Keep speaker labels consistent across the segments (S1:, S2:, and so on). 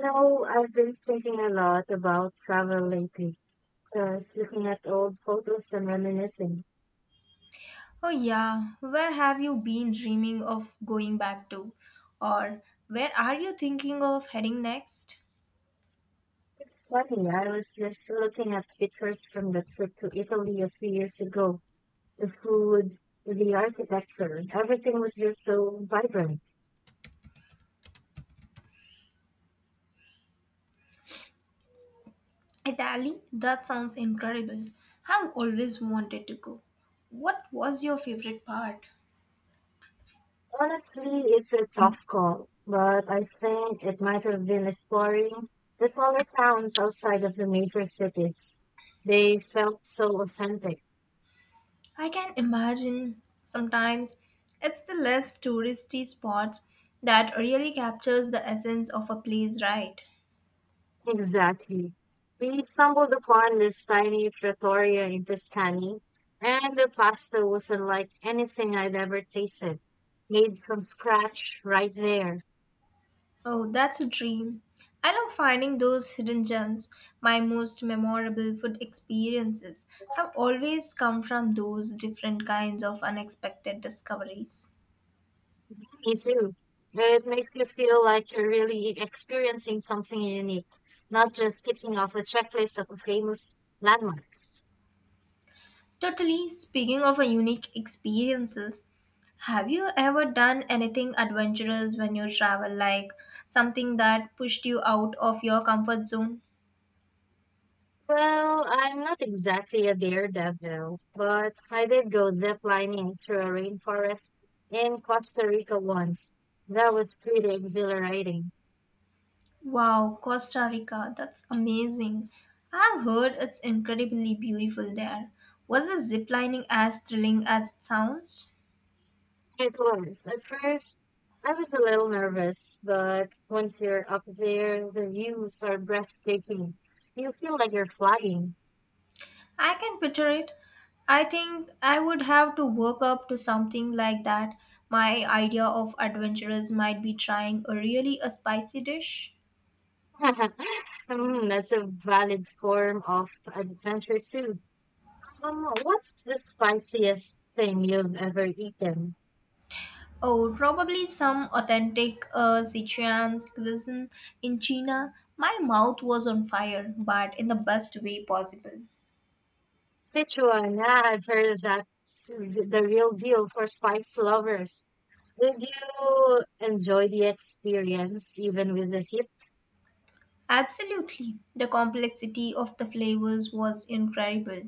S1: You I've been thinking a lot about travel lately, just looking at old photos and reminiscing.
S2: Oh, yeah. Where have you been dreaming of going back to? Or where are you thinking of heading next?
S1: It's funny, I was just looking at pictures from the trip to Italy a few years ago. The food, the architecture, everything was just so vibrant.
S2: Italy? That sounds incredible. I've always wanted to go. What was your favorite part?
S1: Honestly, it's a tough call, but I think it might have been exploring the smaller towns outside of the major cities. They felt so authentic.
S2: I can imagine. Sometimes it's the less touristy spots that really captures the essence of a place, right?
S1: Exactly. We stumbled upon this tiny trattoria in Tuscany, and the pasta was unlike anything I'd ever tasted. Made from scratch right there.
S2: Oh, that's a dream. I love finding those hidden gems. My most memorable food experiences have always come from those different kinds of unexpected discoveries.
S1: Me too. It makes you feel like you're really experiencing something unique, not just ticking off a checklist of famous landmarks.
S2: Totally, speaking of a unique experiences, have you ever done anything adventurous when you travel, like something that pushed you out of your comfort zone?
S1: Well, I'm not exactly a daredevil, but I did go ziplining through a rainforest in Costa Rica once. That was pretty exhilarating.
S2: Wow, Costa Rica, that's amazing. I've heard it's incredibly beautiful there. Was the zip lining as thrilling as it sounds?
S1: It was. At first, I was a little nervous, but once you're up there, the views are breathtaking. You feel like you're flying.
S2: I can picture it. I think I would have to work up to something like that. My idea of adventurous might be trying a really a spicy dish.
S1: That's a valid form of adventure too. What's the spiciest thing you've ever eaten?
S2: Oh, probably some authentic Sichuan cuisine in China. My mouth was on fire, but in the best way possible.
S1: Sichuan, yeah, I've heard of that. It's the real deal for spice lovers. Did you enjoy the experience even with the heat?
S2: Absolutely. The complexity of the flavors was incredible,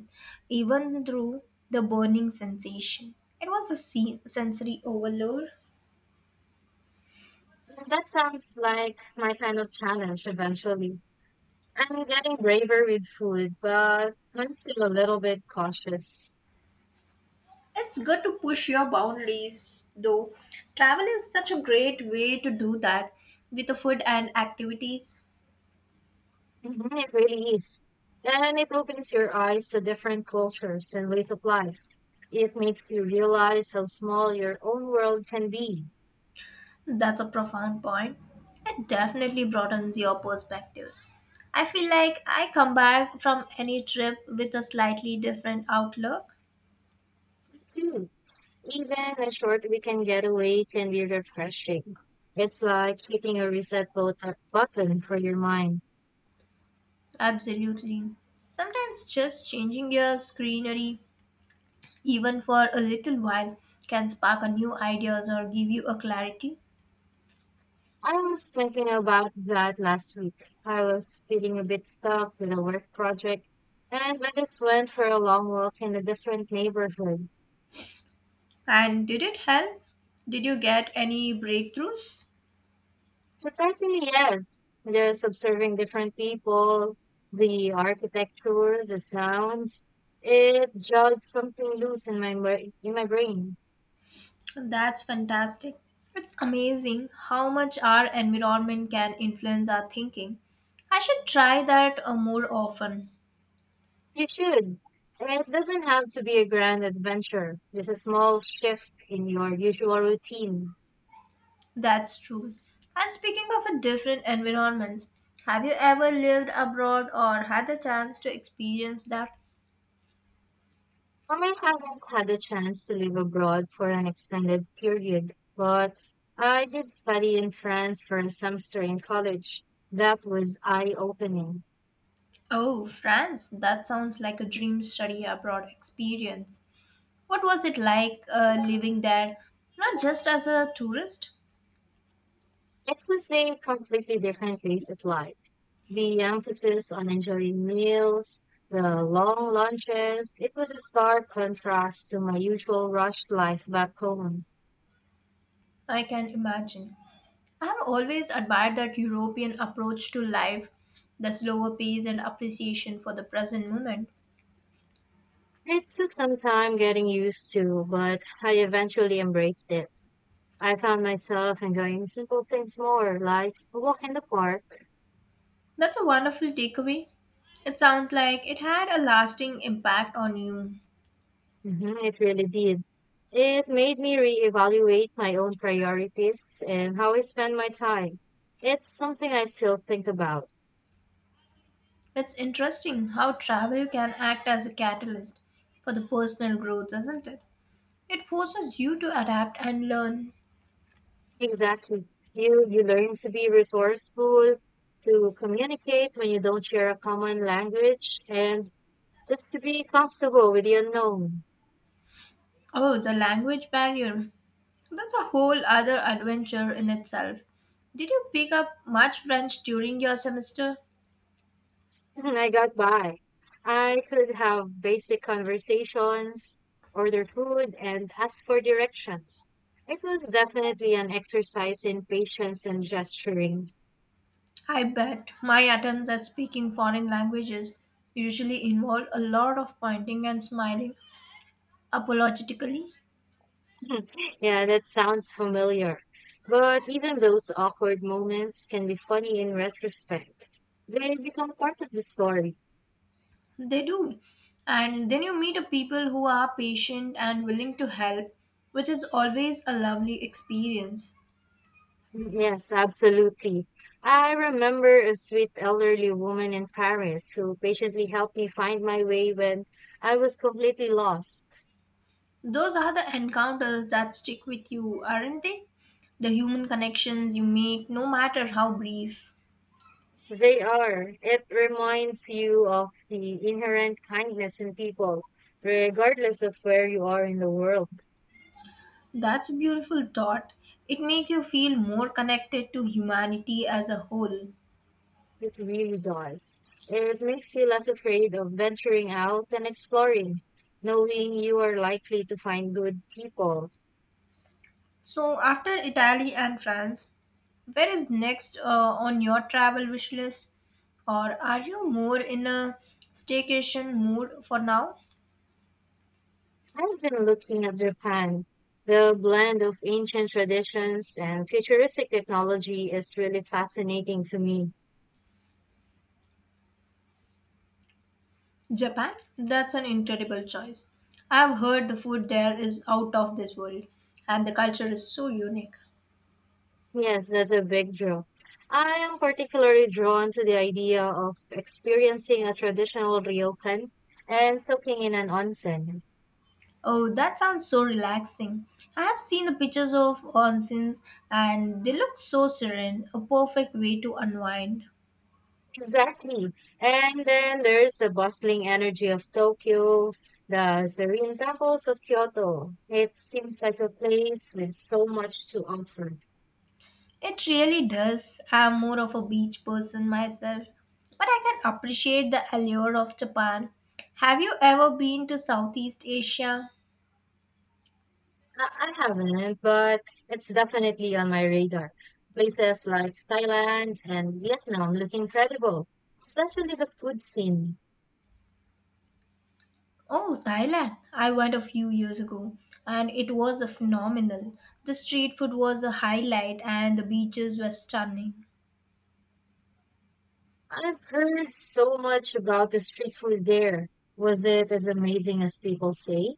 S2: even through the burning sensation. It was a sensory overload.
S1: That sounds like my kind of challenge eventually. I'm getting braver with food, but I'm still a little bit cautious.
S2: It's good to push your boundaries, though. Travel is such a great way to do that with the food and activities.
S1: Mhm, it really is. And it opens your eyes to different cultures and ways of life. It makes you realize how small your own world can be.
S2: That's a profound point. It definitely broadens your perspectives. I feel like I come back from any trip with a slightly different outlook.
S1: Me too. Even a short weekend getaway can be refreshing. It's like hitting a reset button for your mind.
S2: Absolutely. Sometimes just changing your scenery, even for a little while, can spark a new ideas or give you a clarity.
S1: I was thinking about that last week. I was feeling a bit stuck with a work project, and I just went for a long walk in a different neighborhood.
S2: And did it help? Did you get any breakthroughs?
S1: Surprisingly, yes, just observing different people, the architecture, the sounds, it jogged something loose in my in my brain.
S2: That's fantastic. It's amazing how much our environment can influence our thinking. I should try that more often.
S1: You should. And it doesn't have to be a grand adventure, just a small shift in your usual routine.
S2: That's true. And speaking of a different environments, have you ever lived abroad or had the chance to experience that?
S1: I might haven't had a chance to live abroad for an extended period, but I did study in France for a semester in college. That was eye-opening.
S2: Oh, France, that sounds like a dream study abroad experience. What was it like living there, not just as a tourist?
S1: It was a completely different pace of life. The emphasis on enjoying meals, the long lunches, it was a stark contrast to my usual rushed life back home.
S2: I can imagine. I have always admired that European approach to life, the slower pace and appreciation for the present moment.
S1: It took some time getting used to, but I eventually embraced it. I found myself enjoying simple things more, like a walk in the park.
S2: That's a wonderful takeaway. It sounds like it had a lasting impact on you.
S1: It really did. It made me reevaluate my own priorities and how I spend my time. It's something I still think about.
S2: It's interesting how travel can act as a catalyst for the personal growth, isn't it? It forces you to adapt and learn.
S1: Exactly. You learn to be resourceful, to communicate when you don't share a common language, and just to be comfortable with the unknown.
S2: Oh, the language barrier. That's a whole other adventure in itself. Did you pick up much French during your semester?
S1: Mhm, I got by. I could have basic conversations, order food, and ask for directions. It was definitely an exercise in patience and gesturing.
S2: I bet my attempts at speaking foreign languages usually involve a lot of pointing and smiling apologetically.
S1: Yeah, that sounds familiar. But even those awkward moments can be funny in retrospect. They become part of the story.
S2: They do. And then you meet a people who are patient and willing to help, which is always a lovely experience.
S1: Mm, yes, absolutely. I remember a sweet elderly woman in Paris who patiently helped me find my way when I was completely lost.
S2: Those are the encounters that stick with you, aren't they? The human connections you make, no matter how brief.
S1: They are. It reminds you of the inherent kindness in people, regardless of where you are in the world.
S2: That's a beautiful thought. It makes you feel more connected to humanity as a whole.
S1: It really does. It makes you less afraid of venturing out and exploring, knowing you are likely to find good people.
S2: So, after Italy and France, where is next on your travel wish list? Or are you more in a staycation mood for now?
S1: I've been looking at Japan. The blend of ancient traditions and futuristic technology is really fascinating to me.
S2: Japan? That's an incredible choice. I've heard the food there is out of this world and the culture is so unique.
S1: Yes, that's a big draw. I am particularly drawn to the idea of experiencing a traditional ryokan and soaking in an onsen.
S2: Oh, that sounds so relaxing. I have seen the pictures of onsens and they look so serene, a perfect way to unwind.
S1: Exactly. And then there's the bustling energy of Tokyo, the serene temples of Kyoto. It seems like a place with so much to offer.
S2: It really does. I'm more of a beach person myself, but I can appreciate the allure of Japan. Have you ever been to Southeast Asia?
S1: I haven't, but it's definitely on my radar. Places like Thailand and Vietnam look incredible, especially the food scene.
S2: Oh, Thailand. I went a few years ago and it was a phenomenal. The street food was a highlight and the beaches were stunning.
S1: I've heard so much about the street food there. Was it as amazing as people say?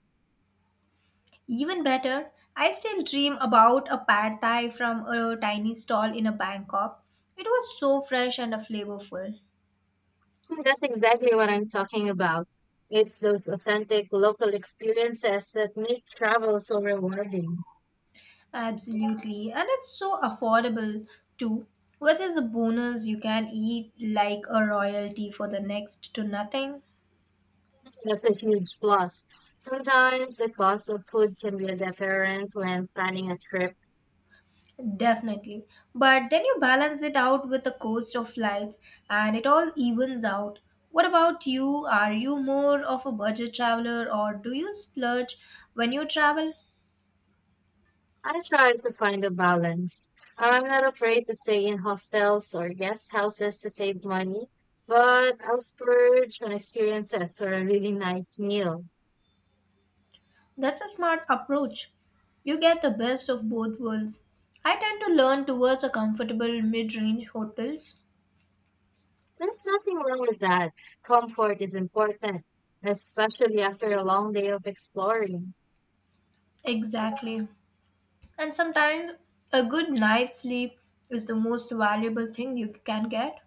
S2: Even better, I still dream about a pad thai from a tiny stall in a Bangkok. It was so fresh and flavorful.
S1: That's exactly what I'm talking about. It's those authentic local experiences that make travel so rewarding.
S2: Absolutely. And it's so affordable too, which is a bonus you can eat like a royalty for the next to nothing.
S1: That's a huge plus. Sometimes the cost of food can be a deterrent when planning a trip.
S2: Definitely. But then you balance it out with the cost of flights and it all evens out. What about you? Are you more of a budget traveler or do you splurge when you travel?
S1: I try to find a balance. I'm not afraid to stay in hostels or guest houses to save money, but I'll splurge on experiences or a really nice meal.
S2: That's a smart approach. You get the best of both worlds. I tend to learn towards a comfortable mid-range hotels.
S1: There's nothing wrong with that. Comfort is important, especially after a long day of exploring.
S2: Exactly. And sometimes a good night's sleep is the most valuable thing you can get.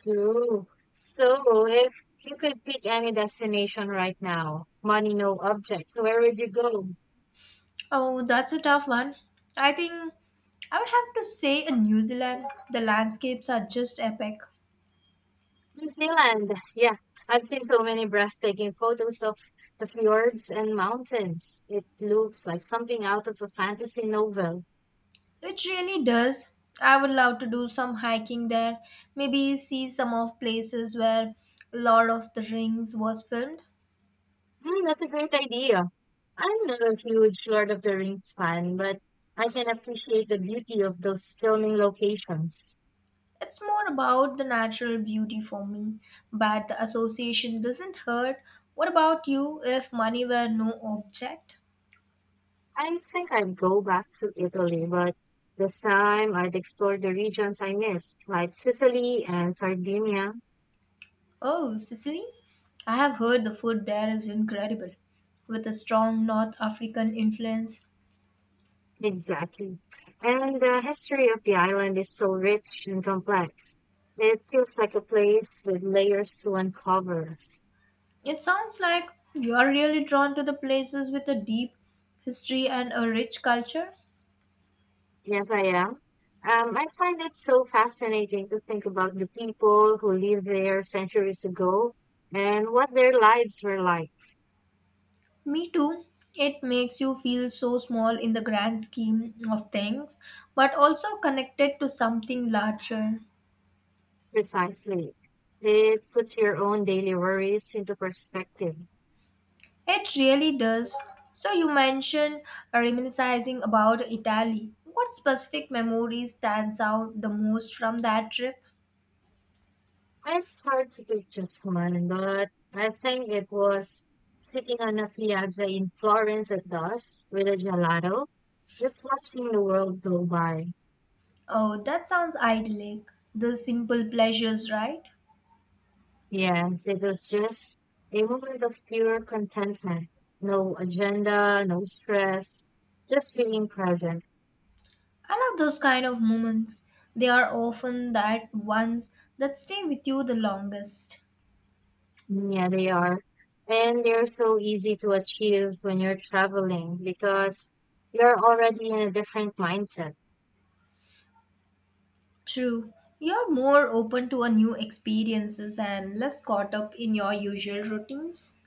S1: True. So, if you could pick any destination right now, money no object, where would you go?
S2: Oh, that's a tough one. I think I would have to say in New Zealand, the landscapes are just epic.
S1: New Zealand. Yeah, I've seen so many breathtaking photos of the fjords and mountains. It looks like something out of a fantasy novel.
S2: It really does. I would love to do some hiking there, maybe see some of places where Lord of the Rings was filmed.
S1: That's a great idea. I'm not a huge Lord of the Rings fan, but I can appreciate the beauty of those filming locations.
S2: It's more about the natural beauty for me, but the association doesn't hurt. What about you if money were no object?
S1: I think I'd go back to Italy, but this time I'd explore the regions I missed, like Sicily and Sardinia.
S2: Oh, Sicily? I have heard the food there is incredible, with a strong North African influence.
S1: Exactly. And the history of the island is so rich and complex. It feels like a place with layers to uncover.
S2: It sounds like you're really drawn to the places with a deep history and a rich culture.
S1: Yes, I am. I find it so fascinating to think about the people who lived there centuries ago and what their lives were like.
S2: Me too. It makes you feel so small in the grand scheme of things, but also connected to something larger.
S1: Precisely. It puts your own daily worries into perspective.
S2: It really does. So, you mentioned reminiscing about Italy. What specific memory stands out the most from that trip?
S1: It's hard to pick just one, but I think it was sitting on a piazza in Florence at dusk with a gelato, just watching the world go by.
S2: Oh, that sounds idyllic. The simple pleasures, right?
S1: Yes, it was just a moment of pure contentment. No agenda, no stress, just being present.
S2: I love those kind of moments. They are often that ones that stay with you the longest.
S1: Mm, yeah, they are. And they're so easy to achieve when you're traveling because you're already in a different mindset.
S2: True. You're more open to a new experiences and less caught up in your usual routines.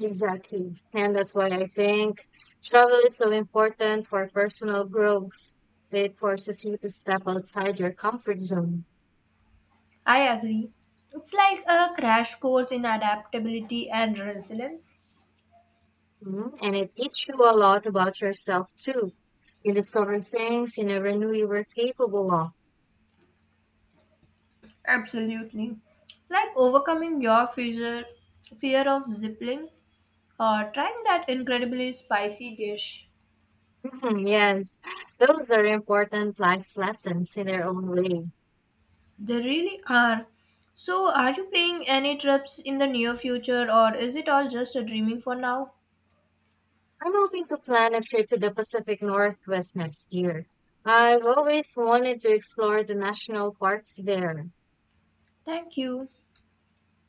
S1: Exactly. And that's why I think travel is so important for personal growth. It forces you to step outside your comfort zone.
S2: I agree. It's like a crash course in adaptability and resilience.
S1: Mhm. And it teaches you a lot about yourself too. You discover things you never knew you were capable of.
S2: Absolutely. Like overcoming your fear of ziplings or trying that incredibly spicy dish.
S1: Mhm, yes, those are important life lessons in their own way.
S2: They really are. So, are you planning any trips in the near future or is it all just a dreaming for now?
S1: I'm hoping to plan a trip to the Pacific Northwest next year. I've always wanted to explore the national parks there.
S2: Thank you.